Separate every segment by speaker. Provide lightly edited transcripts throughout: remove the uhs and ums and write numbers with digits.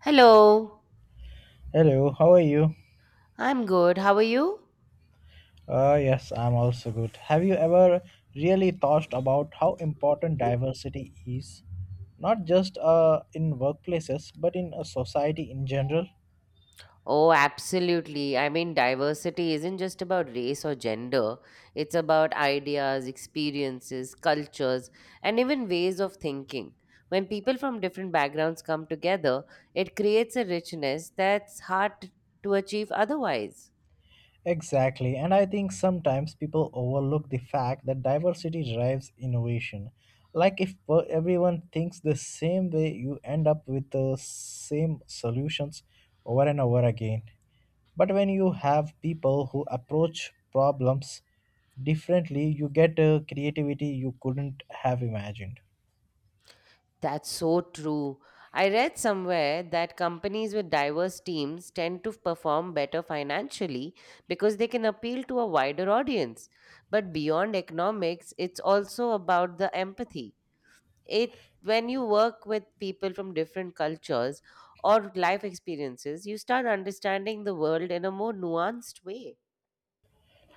Speaker 1: Hello,
Speaker 2: Hello, how are you?
Speaker 1: I'm good. How are you?
Speaker 2: Yes, I'm also good. Have you ever really thought about how important diversity is? Not just in workplaces, but in a society in general?
Speaker 1: Oh, absolutely. I mean, diversity isn't just about race or gender, it's about ideas, experiences, cultures, and even ways of thinking. When people from different backgrounds come together, it creates a richness that's hard to achieve otherwise.
Speaker 2: Exactly, and I think sometimes people overlook the fact that diversity drives innovation. Like if everyone thinks the same way, you end up with the same solutions over and over again. But when you have people who approach problems differently, you get a creativity you couldn't have imagined.
Speaker 1: That's so true. I read somewhere that companies with diverse teams tend to perform better financially because they can appeal to a wider audience. But beyond economics, it's also about the empathy. It When you work with people from different cultures or life experiences, you start understanding the world in a more nuanced way.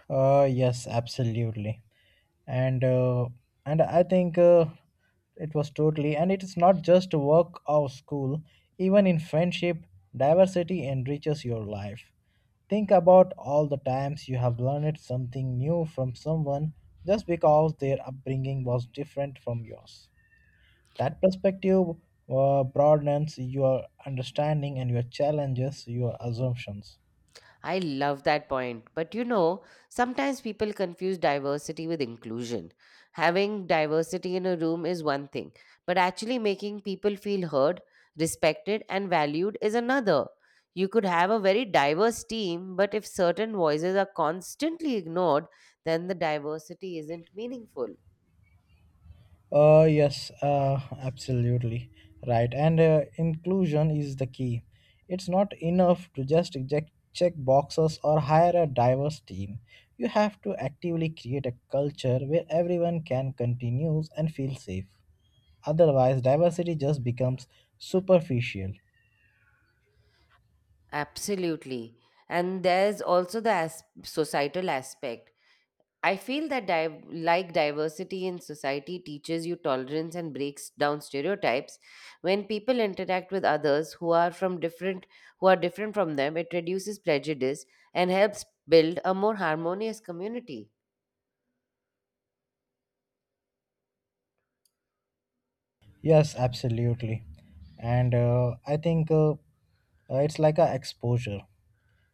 Speaker 2: Yes, absolutely. and uh, and I think it was totally. And it's not just work or school, even in friendship diversity enriches your life. Think about all the times you have learned something new from someone just because their upbringing was different from yours. That perspective broadens your understanding and your challenges your assumptions.
Speaker 1: I love that point. But you know, sometimes people confuse diversity with inclusion. Having diversity in a room is one thing, but actually making people feel heard, respected, and valued is another. You could have a very diverse team, but if certain voices are constantly ignored, then the diversity isn't meaningful.
Speaker 2: Yes, absolutely right. And inclusion is the key. It's not enough to just check boxes or hire a diverse team. You have to actively create a culture where everyone can continue and feel safe. Otherwise, diversity just becomes superficial.
Speaker 1: Absolutely. And there's also the societal aspect. I feel that like diversity in society teaches you tolerance and breaks down stereotypes. When people interact with others who are different from them, it reduces prejudice and helps build a more harmonious community.
Speaker 2: Yes, absolutely. And I think it's like a exposure.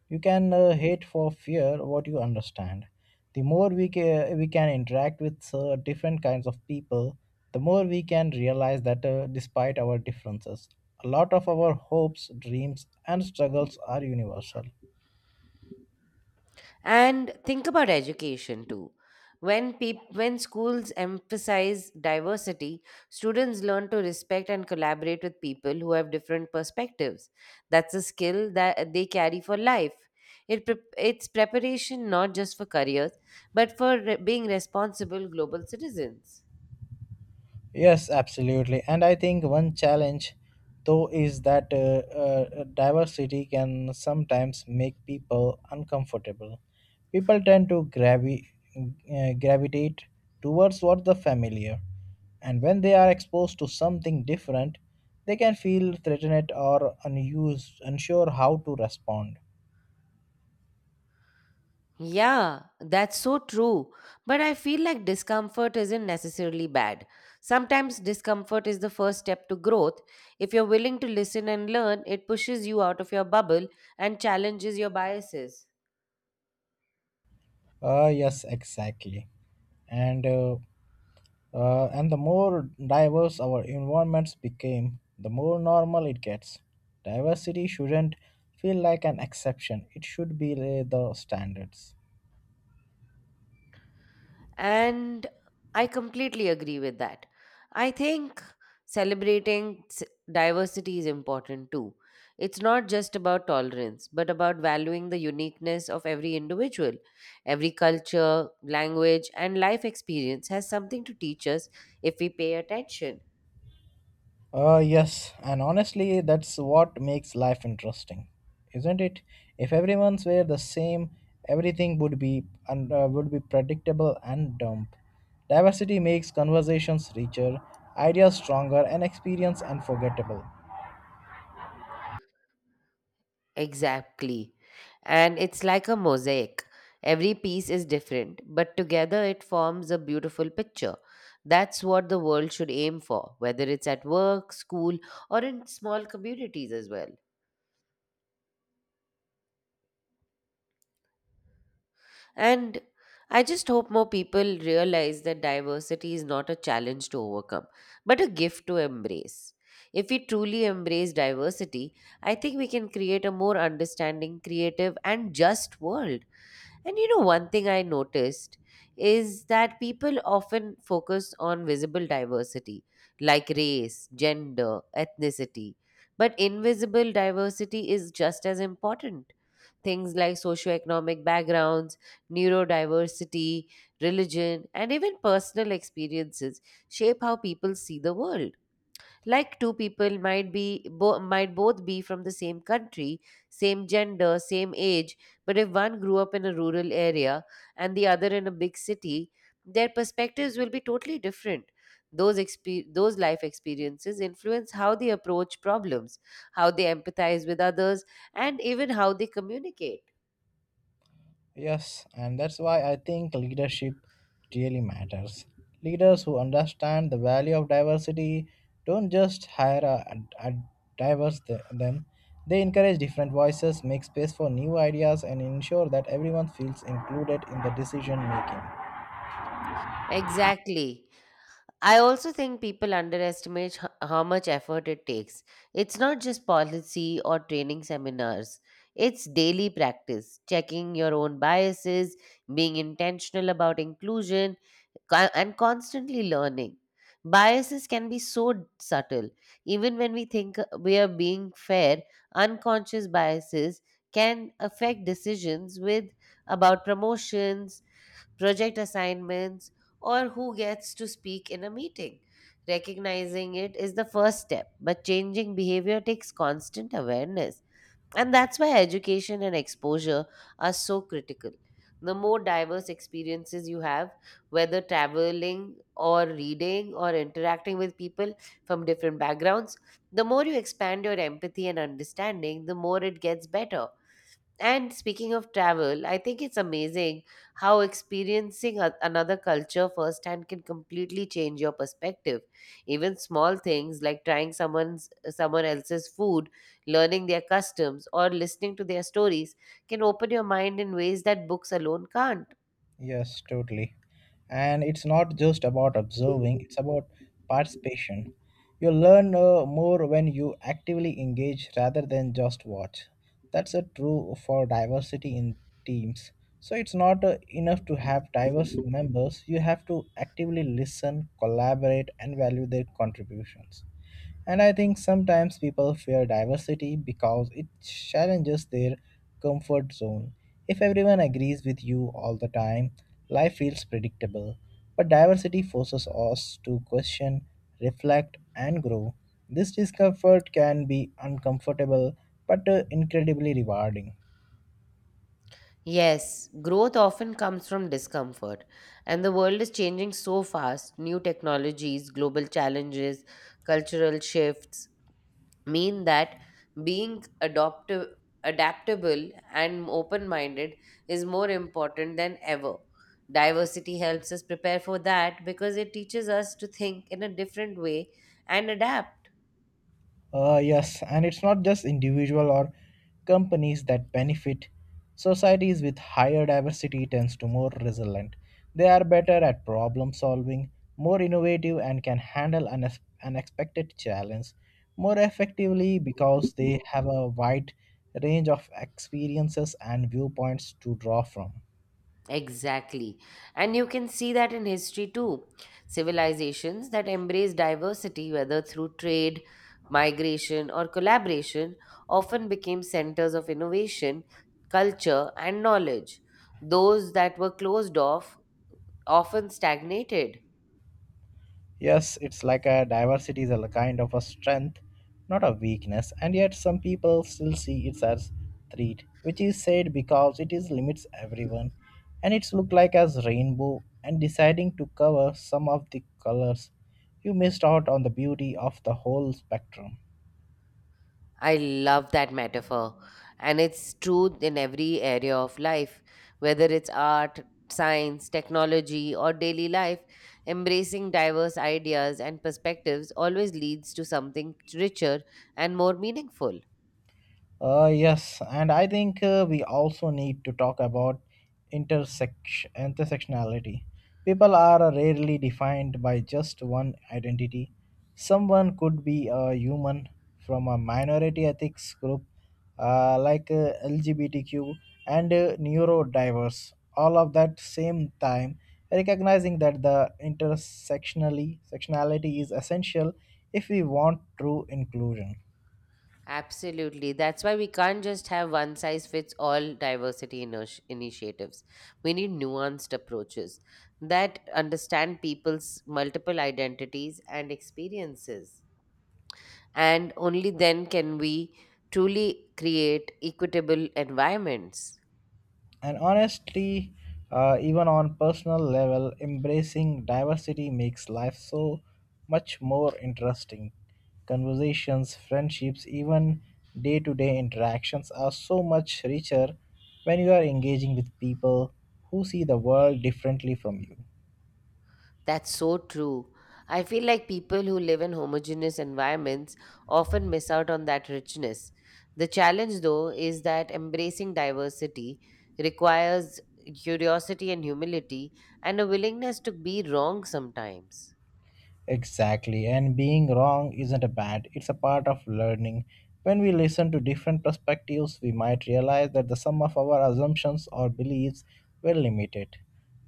Speaker 2: You can hate for fear what you understand. The more we can interact with different kinds of people, the more we can realize that despite our differences, a lot of our hopes, dreams, and struggles are universal.
Speaker 1: And think about education too. When schools emphasize diversity, students learn to respect and collaborate with people who have different perspectives. That's a skill that they carry for life. It's preparation not just for careers, but for being responsible global citizens.
Speaker 2: Yes, absolutely. And I think one challenge, though, is that diversity can sometimes make people uncomfortable. People tend to gravitate towards what the familiar, and when they are exposed to something different, they can feel threatened or unused, unsure how to respond.
Speaker 1: Yeah, that's so true. But I feel like discomfort isn't necessarily bad. Sometimes discomfort is the first step to growth. If you're willing to listen and learn, it pushes you out of your bubble and challenges your biases.
Speaker 2: Yes, exactly. And uh, and the more diverse our environments became, the more normal it gets. Diversity shouldn't feel like an exception, it should be the standards.
Speaker 1: And I completely agree with that. I think celebrating s- diversity is important too. It's not just about tolerance, but about valuing the uniqueness of every individual. Every culture, language, and life experience has something to teach us if we pay attention.
Speaker 2: Yes, and honestly, that's what makes life interesting, isn't it? If everyone's were the same, everything would be predictable and dumb. Diversity makes conversations richer, ideas stronger, and experience unforgettable.
Speaker 1: Exactly. And it's like a mosaic. Every piece is different, but together it forms a beautiful picture. That's what the world should aim for, whether it's at work, school, or in small communities as well. And I just hope more people realize that diversity is not a challenge to overcome, but a gift to embrace. If we truly embrace diversity, I think we can create a more understanding, creative, and just world. And you know, one thing I noticed is that people often focus on visible diversity, like race, gender, ethnicity. But invisible diversity is just as important. Things like socioeconomic backgrounds, neurodiversity, religion, and even personal experiences shape how people see the world, like two people might both be from the same country, same gender, same age, but if one grew up in a rural area and the other in a big city, their perspectives will be totally different. Those those life experiences influence how they approach problems, how they empathize with others, and even how they communicate.
Speaker 2: Yes, and that's why I think leadership really matters. Leaders who understand the value of diversity don't just hire a them. They encourage different voices, make space for new ideas, and ensure that everyone feels included in the decision making.
Speaker 1: Exactly. I also think people underestimate how much effort it takes. It's not just policy or training seminars, it's daily practice, checking your own biases, being intentional about inclusion, and constantly learning. Biases can be so subtle. Even when we think we are being fair, unconscious biases can affect decisions with about promotions, project assignments, or who gets to speak in a meeting. Recognizing it is the first step, but changing behavior takes constant awareness. And that's why education and exposure are so critical. The more diverse experiences you have, whether traveling or reading or interacting with people from different backgrounds, the more you expand your empathy and understanding, the more it gets better. And speaking of travel, I think it's amazing how experiencing another culture firsthand can completely change your perspective. Even small things like trying someone else's food, learning their customs, or listening to their stories can open your mind in ways that books alone can't.
Speaker 2: Yes, totally. And it's not just about observing, it's about participation. You learn more when you actively engage rather than just watch. That's a true for diversity in teams. So it's not enough to have diverse members, you have to actively listen, collaborate, and value their contributions. And I think sometimes people fear diversity because it challenges their comfort zone. If everyone agrees with you all the time, life feels predictable. But diversity forces us to question, reflect, and grow. This discomfort can be uncomfortable but incredibly rewarding.
Speaker 1: Yes, growth often comes from discomfort, and the world is changing so fast. New technologies, global challenges, cultural shifts mean that being adoptive, adaptable, and open minded is more important than ever. Diversity helps us prepare for that because it teaches us to think in a different way and adapt.
Speaker 2: Yes, and it's not just individual or companies that benefit. Societies with higher diversity tends to more resilient. They are better at problem solving, more innovative, and can handle unexpected challenge more effectively because they have a wide range of experiences and viewpoints to draw from.
Speaker 1: Exactly. And you can see that in history too. Civilizations that embrace diversity, whether through trade, migration, or collaboration, often became centers of innovation, culture, and knowledge. Those that were closed off often stagnated.
Speaker 2: Yes, it's like a diversity is a kind of a strength, not a weakness, and yet some people still see it as threat, which is said because it is limits everyone, and it's look like as rainbow and deciding to cover some of the colors, you missed out on the beauty of the whole spectrum.
Speaker 1: I love that metaphor. And it's true in every area of life, whether it's art, science, technology, or daily life. Embracing diverse ideas and perspectives always leads to something richer and more meaningful.
Speaker 2: Yes, and I think we also need to talk about intersectionality. People are rarely defined by just one identity. Someone could be a human from a minority ethics group like LGBTQ and neurodiverse, all of that same time, recognizing that the intersectionally sectionality is essential if we want true inclusion.
Speaker 1: Absolutely. That's why we can't just have one size fits all diversity initiatives. We need nuanced approaches that understand people's multiple identities and experiences, and only then can we truly create equitable environments.
Speaker 2: And honestly, even on personal level, embracing diversity makes life so much more interesting. Conversations, friendships, even day to day interactions are so much richer when you are engaging with people who see the world differently from you.
Speaker 1: That's so true. I feel like people who live in homogeneous environments often miss out on that richness. The challenge, though, is that embracing diversity requires curiosity and humility and a willingness to be wrong sometimes.
Speaker 2: Exactly, and being wrong isn't a bad, it's a part of learning. When we listen to different perspectives, we might realize that the sum of our assumptions or beliefs were limited.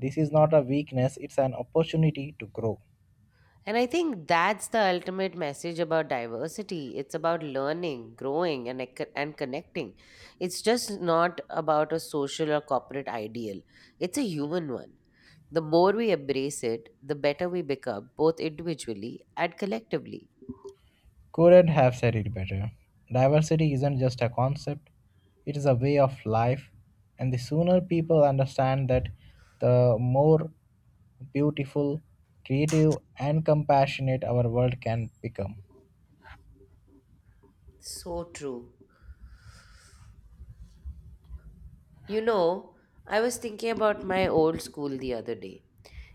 Speaker 2: This is not a weakness, it's an opportunity to grow.
Speaker 1: And I think that's the ultimate message about diversity. It's about learning, growing, and connecting. It's just not about a social or corporate ideal, it's a human one. The more we embrace it, the better we become, both individually and collectively.
Speaker 2: Couldn't have said it better. Diversity isn't just a concept, it is a way of life, and the sooner people understand that, the more beautiful, creative, and compassionate our world can become.
Speaker 1: So true. You know, I was thinking about my old school the other day.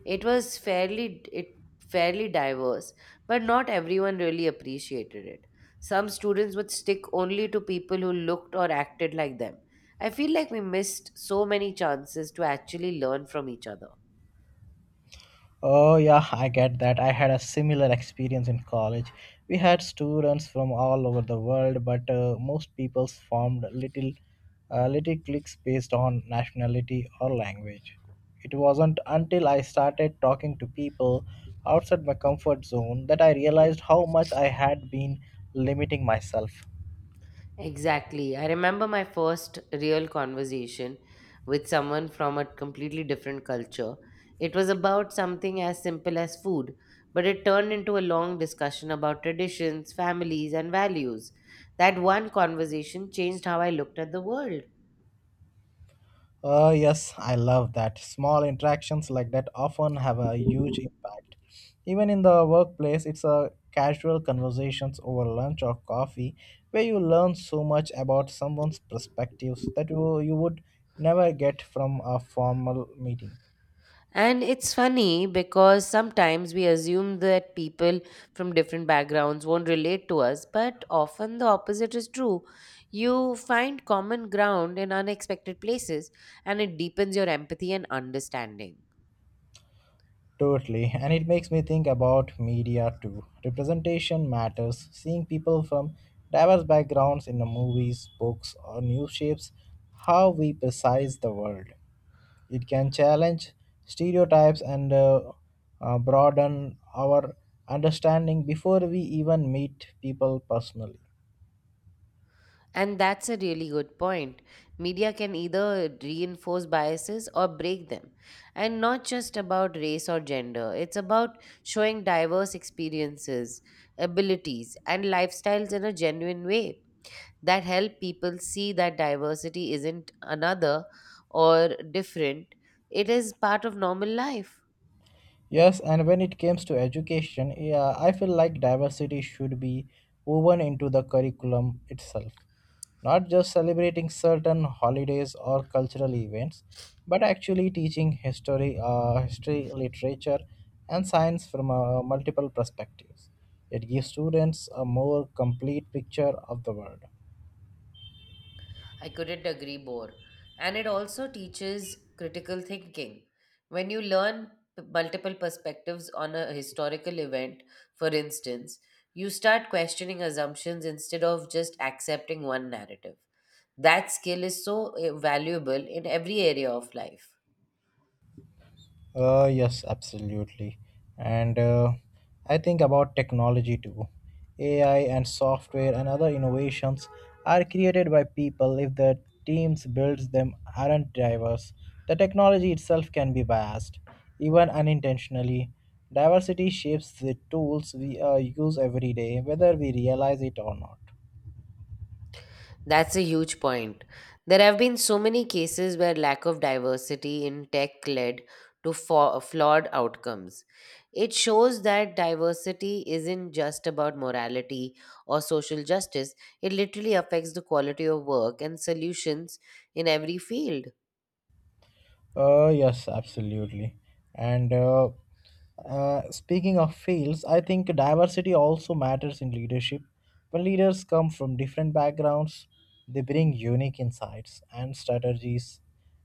Speaker 1: It was fairly diverse, but not everyone really appreciated it. Some students would stick only to people who looked or acted like them. I feel like we missed so many chances to actually learn from each other.
Speaker 2: Oh, yeah, I get that. I had a similar experience in college. We had students from all over the world, but most people formed little cliques based on nationality or language. It wasn't until I started talking to people outside my comfort zone that I realized how much I had been limiting myself.
Speaker 1: Exactly. I remember my first real conversation with someone from a completely different culture. It was about something as simple as food, but it turned into a long discussion about traditions, families, and values. That one conversation changed how I looked at the world.
Speaker 2: Yes, I love that. Small interactions like that often have a huge impact. Even in the workplace, it's a casual conversations over lunch or coffee where you learn so much about someone's perspectives that you would never get from a formal meeting.
Speaker 1: And it's funny because sometimes we assume that people from different backgrounds won't relate to us, but often the opposite is true. You find common ground in unexpected places and it deepens your empathy and understanding.
Speaker 2: Totally, and it makes me think about media too. Representation matters. Seeing people from diverse backgrounds in the movies, books, or news shapes how we perceive the world. It can challenge stereotypes and broaden our understanding before we even meet people personally.
Speaker 1: And that's a really good point. Media can either reinforce biases or break them. And not just about race or gender, it's about showing diverse experiences, abilities, and lifestyles in a genuine way. That help people see that diversity isn't another or different, it is part of normal life.
Speaker 2: Yes, and when it comes to education, yeah, I feel like diversity should be woven into the curriculum itself, not just celebrating certain holidays or cultural events, but actually teaching history, literature, and science from multiple perspectives. It gives students a more complete picture of the world.
Speaker 1: I couldn't agree more. And it also teaches critical thinking. When you learn multiple perspectives on a historical event, for instance, you start questioning assumptions instead of just accepting one narrative. That skill is so valuable in every area of life.
Speaker 2: Yes, absolutely. And I think about technology too. AI and software and other innovations are created by people if the teams builds them aren't diverse. The technology itself can be biased, even unintentionally. Diversity shapes the tools we use every day, whether we realize it or not.
Speaker 1: That's a huge point. There have been so many cases where lack of diversity in tech led to flawed outcomes. It shows that diversity isn't just about morality or social justice, it literally affects the quality of work and solutions in every field.
Speaker 2: Yes, absolutely. And Speaking of fields, I think diversity also matters in leadership. When leaders come from different backgrounds, they bring unique insights and strategies,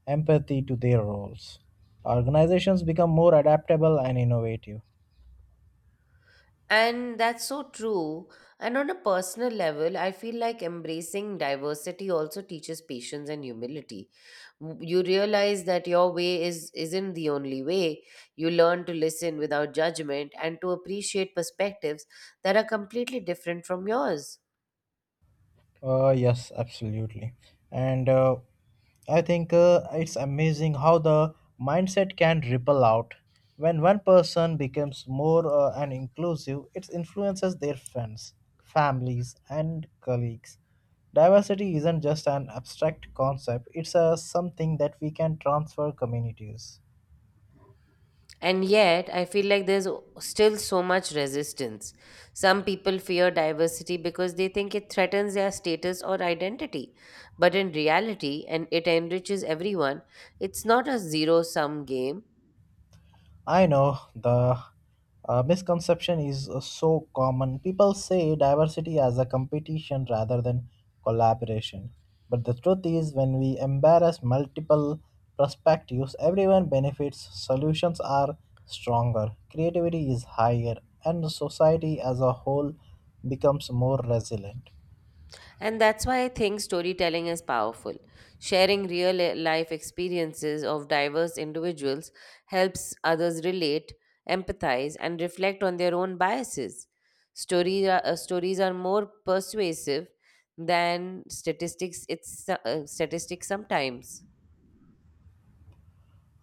Speaker 2: empathy to their roles. Organizations become more adaptable and innovative.
Speaker 1: And that's so true. And on a personal level, I feel like embracing diversity also teaches patience and humility. You realize that your way is isn't the only way. You learn to listen without judgment and to appreciate perspectives that are completely different from yours.
Speaker 2: Yes, absolutely. And I think it's amazing how the mindset can ripple out. When one person becomes more and inclusive, it influences their friends, families, and colleagues. Diversity isn't just an abstract concept, it's something that we can transfer communities.
Speaker 1: And yet, I feel like there's still so much resistance. Some people fear diversity because they think it threatens their status or identity. But in reality, and it enriches everyone, it's not a zero sum game.
Speaker 2: I know the misconception is so common. People say diversity as a competition rather than collaboration. But the truth is, when we embrace multiple perspectives, everyone benefits, solutions are stronger, creativity is higher, and society as a whole becomes more resilient.
Speaker 1: And that's why I think storytelling is powerful. Sharing real life experiences of diverse individuals helps others relate, empathize, and reflect on their own biases. Stories are more persuasive than statistics sometimes.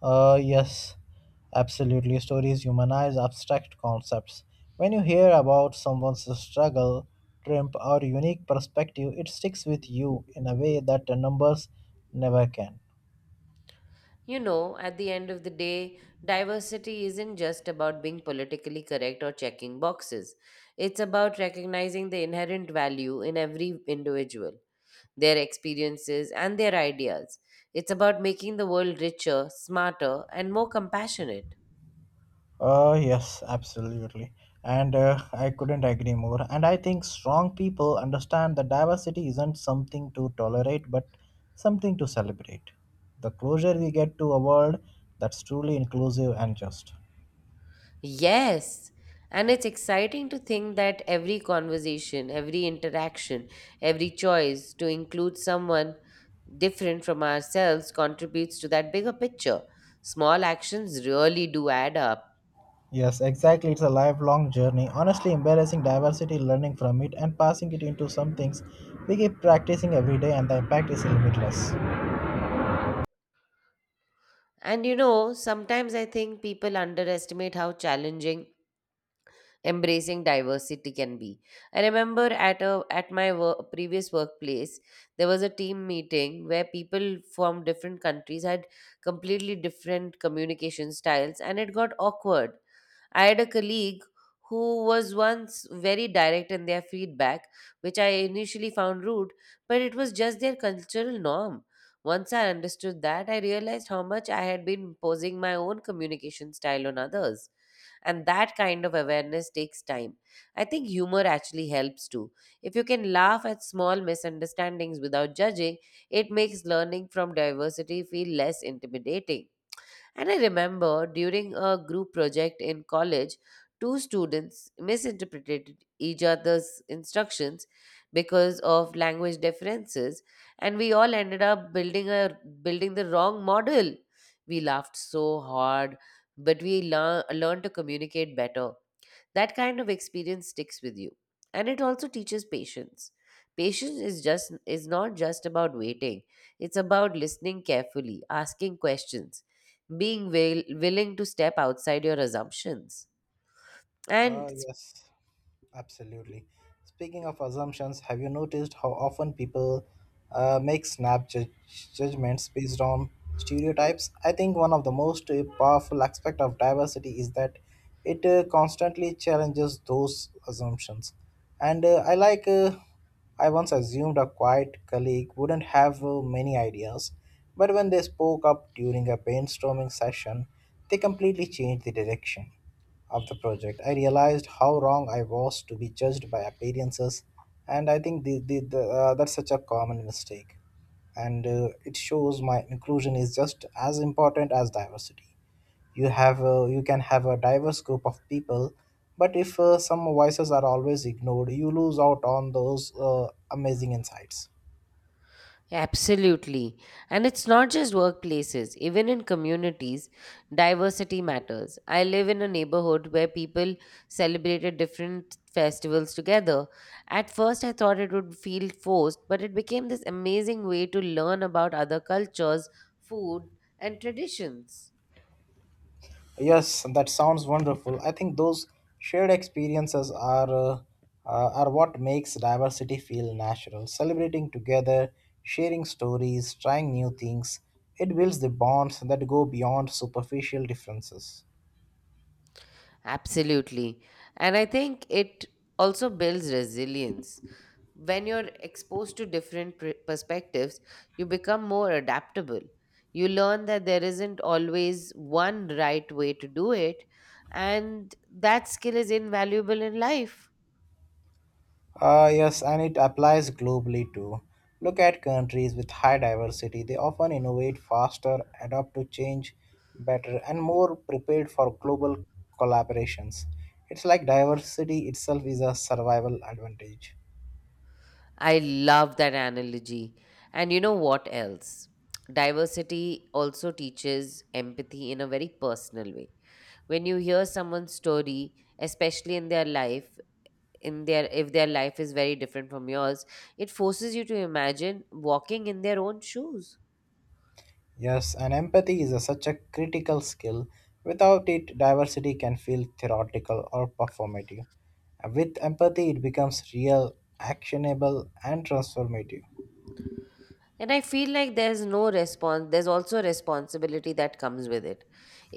Speaker 2: Yes, absolutely. Stories humanize abstract concepts. When you hear about someone's struggle, triumph, or unique perspective, it sticks with you in a way that the numbers never can.
Speaker 1: You know, at the end of the day, diversity isn't just about being politically correct or checking boxes. It's about recognizing the inherent value in every individual, their experiences, and their ideas. It's about making the world richer, smarter, and more compassionate.
Speaker 2: Yes, absolutely. And I couldn't agree more. And I think strong people understand that diversity isn't something to tolerate, but something to celebrate. The closer we get to a world that's truly inclusive and just.
Speaker 1: Yes. And it's exciting to think that every conversation, every interaction, every choice to include someone different from ourselves contributes to that bigger picture. Small actions really do add up.
Speaker 2: Yes, exactly. It's a lifelong journey. Honestly, embarrassing diversity, learning from it, and passing it into some things we keep practicing every day, and the impact is limitless.
Speaker 1: And you know, sometimes I think people underestimate how challenging embracing diversity can be. I remember at my previous workplace, there was a team meeting where people from different countries had completely different communication styles, and it got awkward. I had a colleague who was once very direct in their feedback, which I initially found rude, but it was just their cultural norm. Once I understood that, I realized how much I had been imposing my own communication style on others, and that kind of awareness takes time. I think humor actually helps too. If you can laugh at small misunderstandings without judging, it makes learning from diversity feel less intimidating. And I remember during a group project in college, two students misinterpreted each other's instructions because of language differences, and we all ended up building the wrong model. We laughed so hard, but we learned to communicate better. That kind of experience sticks with you. And it also teaches patience. Patience is not just about waiting. It's about listening carefully, asking questions, being willing to step outside your assumptions, and
Speaker 2: Yes, absolutely. Speaking of assumptions, have you noticed how often people make snap judgments based on stereotypes? I think one of the most powerful aspect of diversity is that it constantly challenges those assumptions. And uh, I like, uh, I once assumed a quiet colleague wouldn't have many ideas, but when they spoke up during a brainstorming session, they completely changed the direction of the project. I realized how wrong I was to be judged by appearances, and I think that's such a common mistake. And it shows my inclusion is just as important as diversity. You can have a diverse group of people, but if some voices are always ignored, you lose out on those amazing insights.
Speaker 1: absolutely. And it's not just workplaces, even in communities, diversity matters. I live in a neighborhood where people celebrated different festivals together. At first, I thought it would feel forced, but it became this amazing way to learn about other cultures, food, and traditions.
Speaker 2: Yes, that sounds wonderful. I think those shared experiences are what makes diversity feel natural. Celebrating together, sharing stories, trying new things, it builds the bonds that go beyond superficial differences.
Speaker 1: Absolutely. And I think it also builds resilience. When you're exposed to different perspectives, you become more adaptable. You learn that there isn't always one right way to do it, and that skill is invaluable in life.
Speaker 2: Yes, and it applies globally too. Look at countries with high diversity. They often innovate faster, adapt to change better, and more prepared for global collaborations. It's like diversity itself is a survival advantage.
Speaker 1: I love that analogy. And you know what else, diversity also teaches empathy in a very personal way. When you hear someone's story, especially in their life in their if their life is very different from yours, it forces you to imagine walking in their own shoes.
Speaker 2: Yes, and empathy is such a critical skill. Without it, diversity can feel theoretical or performative. With empathy, it becomes real, actionable, and transformative.
Speaker 1: And I feel like there's no response there's also a responsibility that comes with it.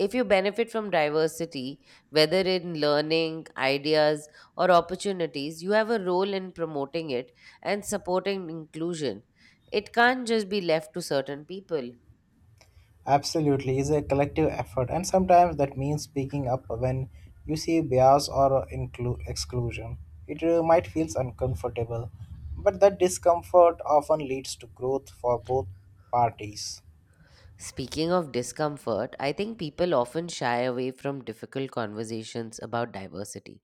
Speaker 1: If you benefit from diversity, whether in learning ideas or opportunities, you have a role in promoting it and supporting inclusion. It can't just be left to certain people.
Speaker 2: Absolutely, it's a collective effort, and sometimes that means speaking up when you see bias or exclusion. It might feel uncomfortable, but that discomfort often leads to growth for both parties.
Speaker 1: Speaking of discomfort, I think people often shy away from difficult conversations about diversity.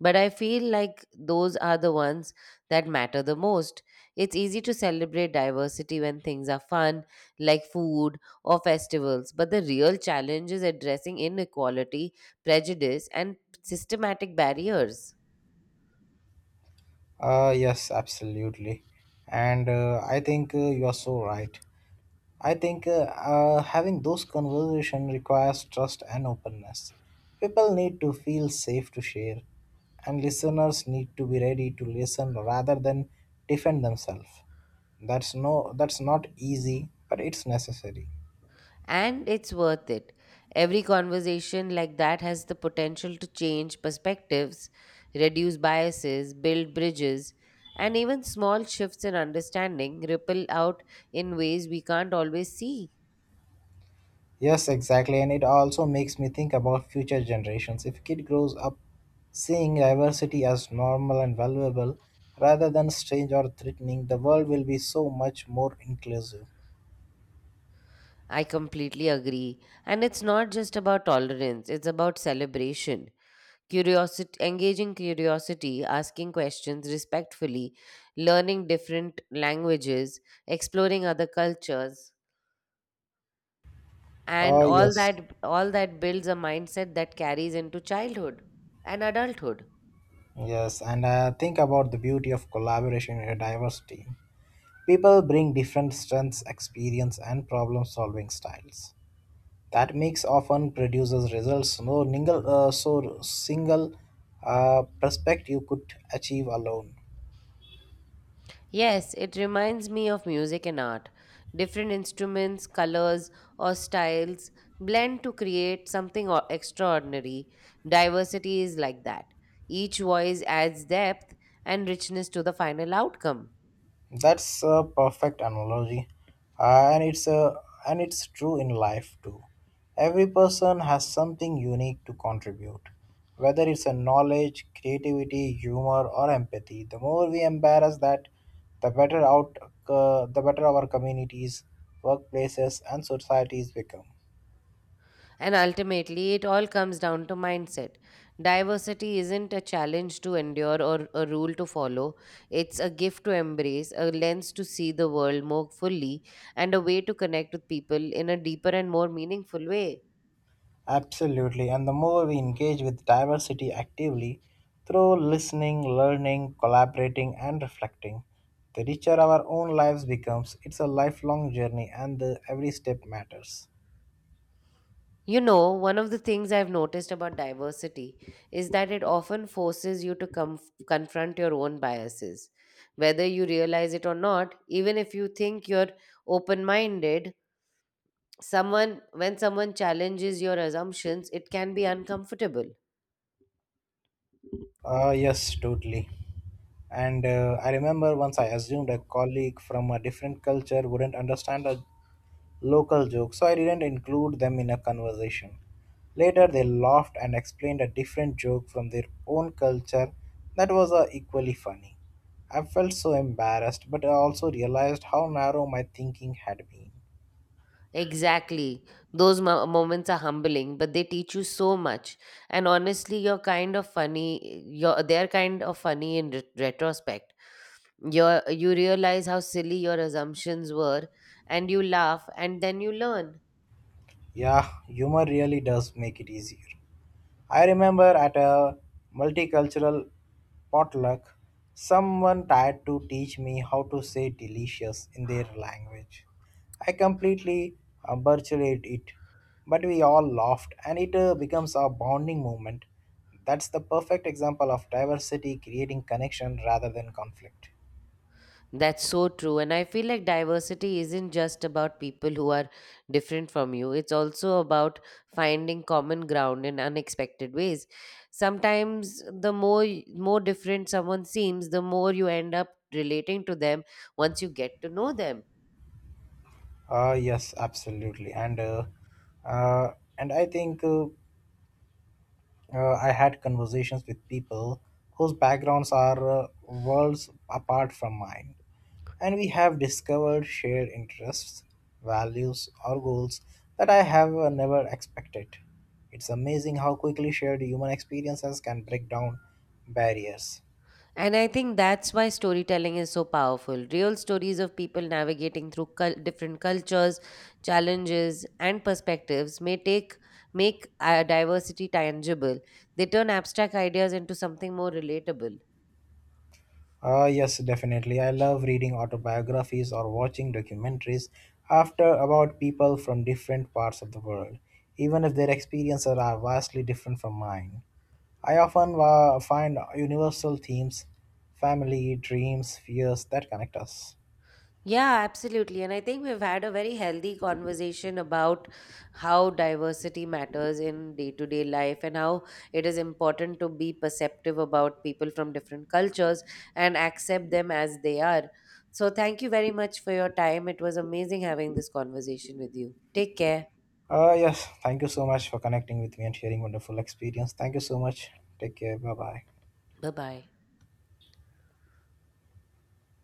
Speaker 1: But I feel like those are the ones that matter the most. It's easy to celebrate diversity when things are fun, like food or festivals, but the real challenge is addressing inequality, prejudice, and systematic barriers.
Speaker 2: Yes, absolutely. And I think you are so right. I think having those conversations requires trust and openness. People need to feel safe to share, and listeners need to be ready to listen rather than defend themselves. That's not easy, but it's necessary.
Speaker 1: And it's worth it. Every conversation like that has the potential to change perspectives, reduce biases, build bridges, and even small shifts in understanding ripple out in ways we can't always see.
Speaker 2: Yes, exactly. And it also makes me think about future generations. If kid grows up seeing diversity as normal and valuable rather than strange or threatening, the world will be so much more inclusive.
Speaker 1: I completely agree. And it's not just about tolerance, it's about celebration. Curiosity, engaging curiosity, asking questions respectfully, learning different languages, exploring other cultures, and
Speaker 2: Oh, yes.
Speaker 1: all that builds a mindset that carries into childhood and adulthood.
Speaker 2: Yes, and think about the beauty of collaboration in a diverse team. People bring different strengths, experience, and problem solving styles. That mix often produces results no ningle, so single perspective could achieve alone.
Speaker 1: Yes, it reminds me of music and art. Different instruments, colors, or styles blend to create something extraordinary. Diversity is like that. Each voice adds depth and richness to the final outcome.
Speaker 2: That's a perfect analogy, uh, and it's a and it's true in life too. Every person has something unique to contribute, whether it's a knowledge, creativity, humor, or empathy. The more we embrace that, the better out the better our communities, workplaces, and societies become.
Speaker 1: And ultimately, it all comes down to mindset. Diversity isn't a challenge to endure or a rule to follow. It's a gift to embrace, a lens to see the world more fully, and a way to connect with people in a deeper and more meaningful way.
Speaker 2: Absolutely, and the more we engage with diversity actively through listening, learning, collaborating, and reflecting, the richer our own lives becomes. It's a lifelong journey, and every step matters.
Speaker 1: You know, one of the things I've noticed about diversity is that it often forces you to confront your own biases. Whether you realize it or not, even if you think you're open minded, someone when someone challenges your assumptions, it can be uncomfortable.
Speaker 2: Yes, totally. And I remember once I assumed a colleague from a different culture wouldn't understand a local jokes, so I didn't include them in a conversation. Later, they laughed and explained a different joke from their own culture that was equally funny. I felt so embarrassed, but I also realized how narrow my thinking had been.
Speaker 1: Exactly. Those moments are humbling, but they teach you so much. And honestly, you're kind of funny. You're, they're kind of funny in retrospect. You realize how silly your assumptions were, and you laugh, and then you learn.
Speaker 2: Yeah, humor really does make it easier. I remember at a multicultural potluck, someone tried to teach me how to say delicious in their language. I completely butchered it, but we all laughed, and it becomes a bonding moment. That's the perfect example of diversity creating connection rather than conflict.
Speaker 1: That's so true. And I feel like diversity isn't just about people who are different from you, it's also about finding common ground in unexpected ways. Sometimes the more different someone seems, the more you end up relating to them once you get to know them.
Speaker 2: Yes, absolutely, uh, and I think. I had conversations with people whose backgrounds are worlds apart from mine, and we have discovered shared interests, values, or goals that I have never expected. It's amazing how quickly shared human experiences can break down barriers.
Speaker 1: And I think that's why storytelling is so powerful. Real stories of people navigating through different cultures, challenges, and perspectives may take make diversity tangible. They turn abstract ideas into something more relatable.
Speaker 2: Ah yes, definitely. I love reading autobiographies or watching documentaries after about people from different parts of the world, even if their experiences are vastly different from mine. I often find universal themes, family, dreams, fears that connect us.
Speaker 1: Yeah, absolutely. And I think we've had a very healthy conversation about how diversity matters in day to day life and how it is important to be perceptive about people from different cultures and accept them as they are. So, thank you very much for your time. It was amazing having this conversation with you. Take care.
Speaker 2: Ah yes, thank you so much for connecting with me and sharing wonderful experience. Thank you so much. Take care. Bye bye.
Speaker 1: Bye bye.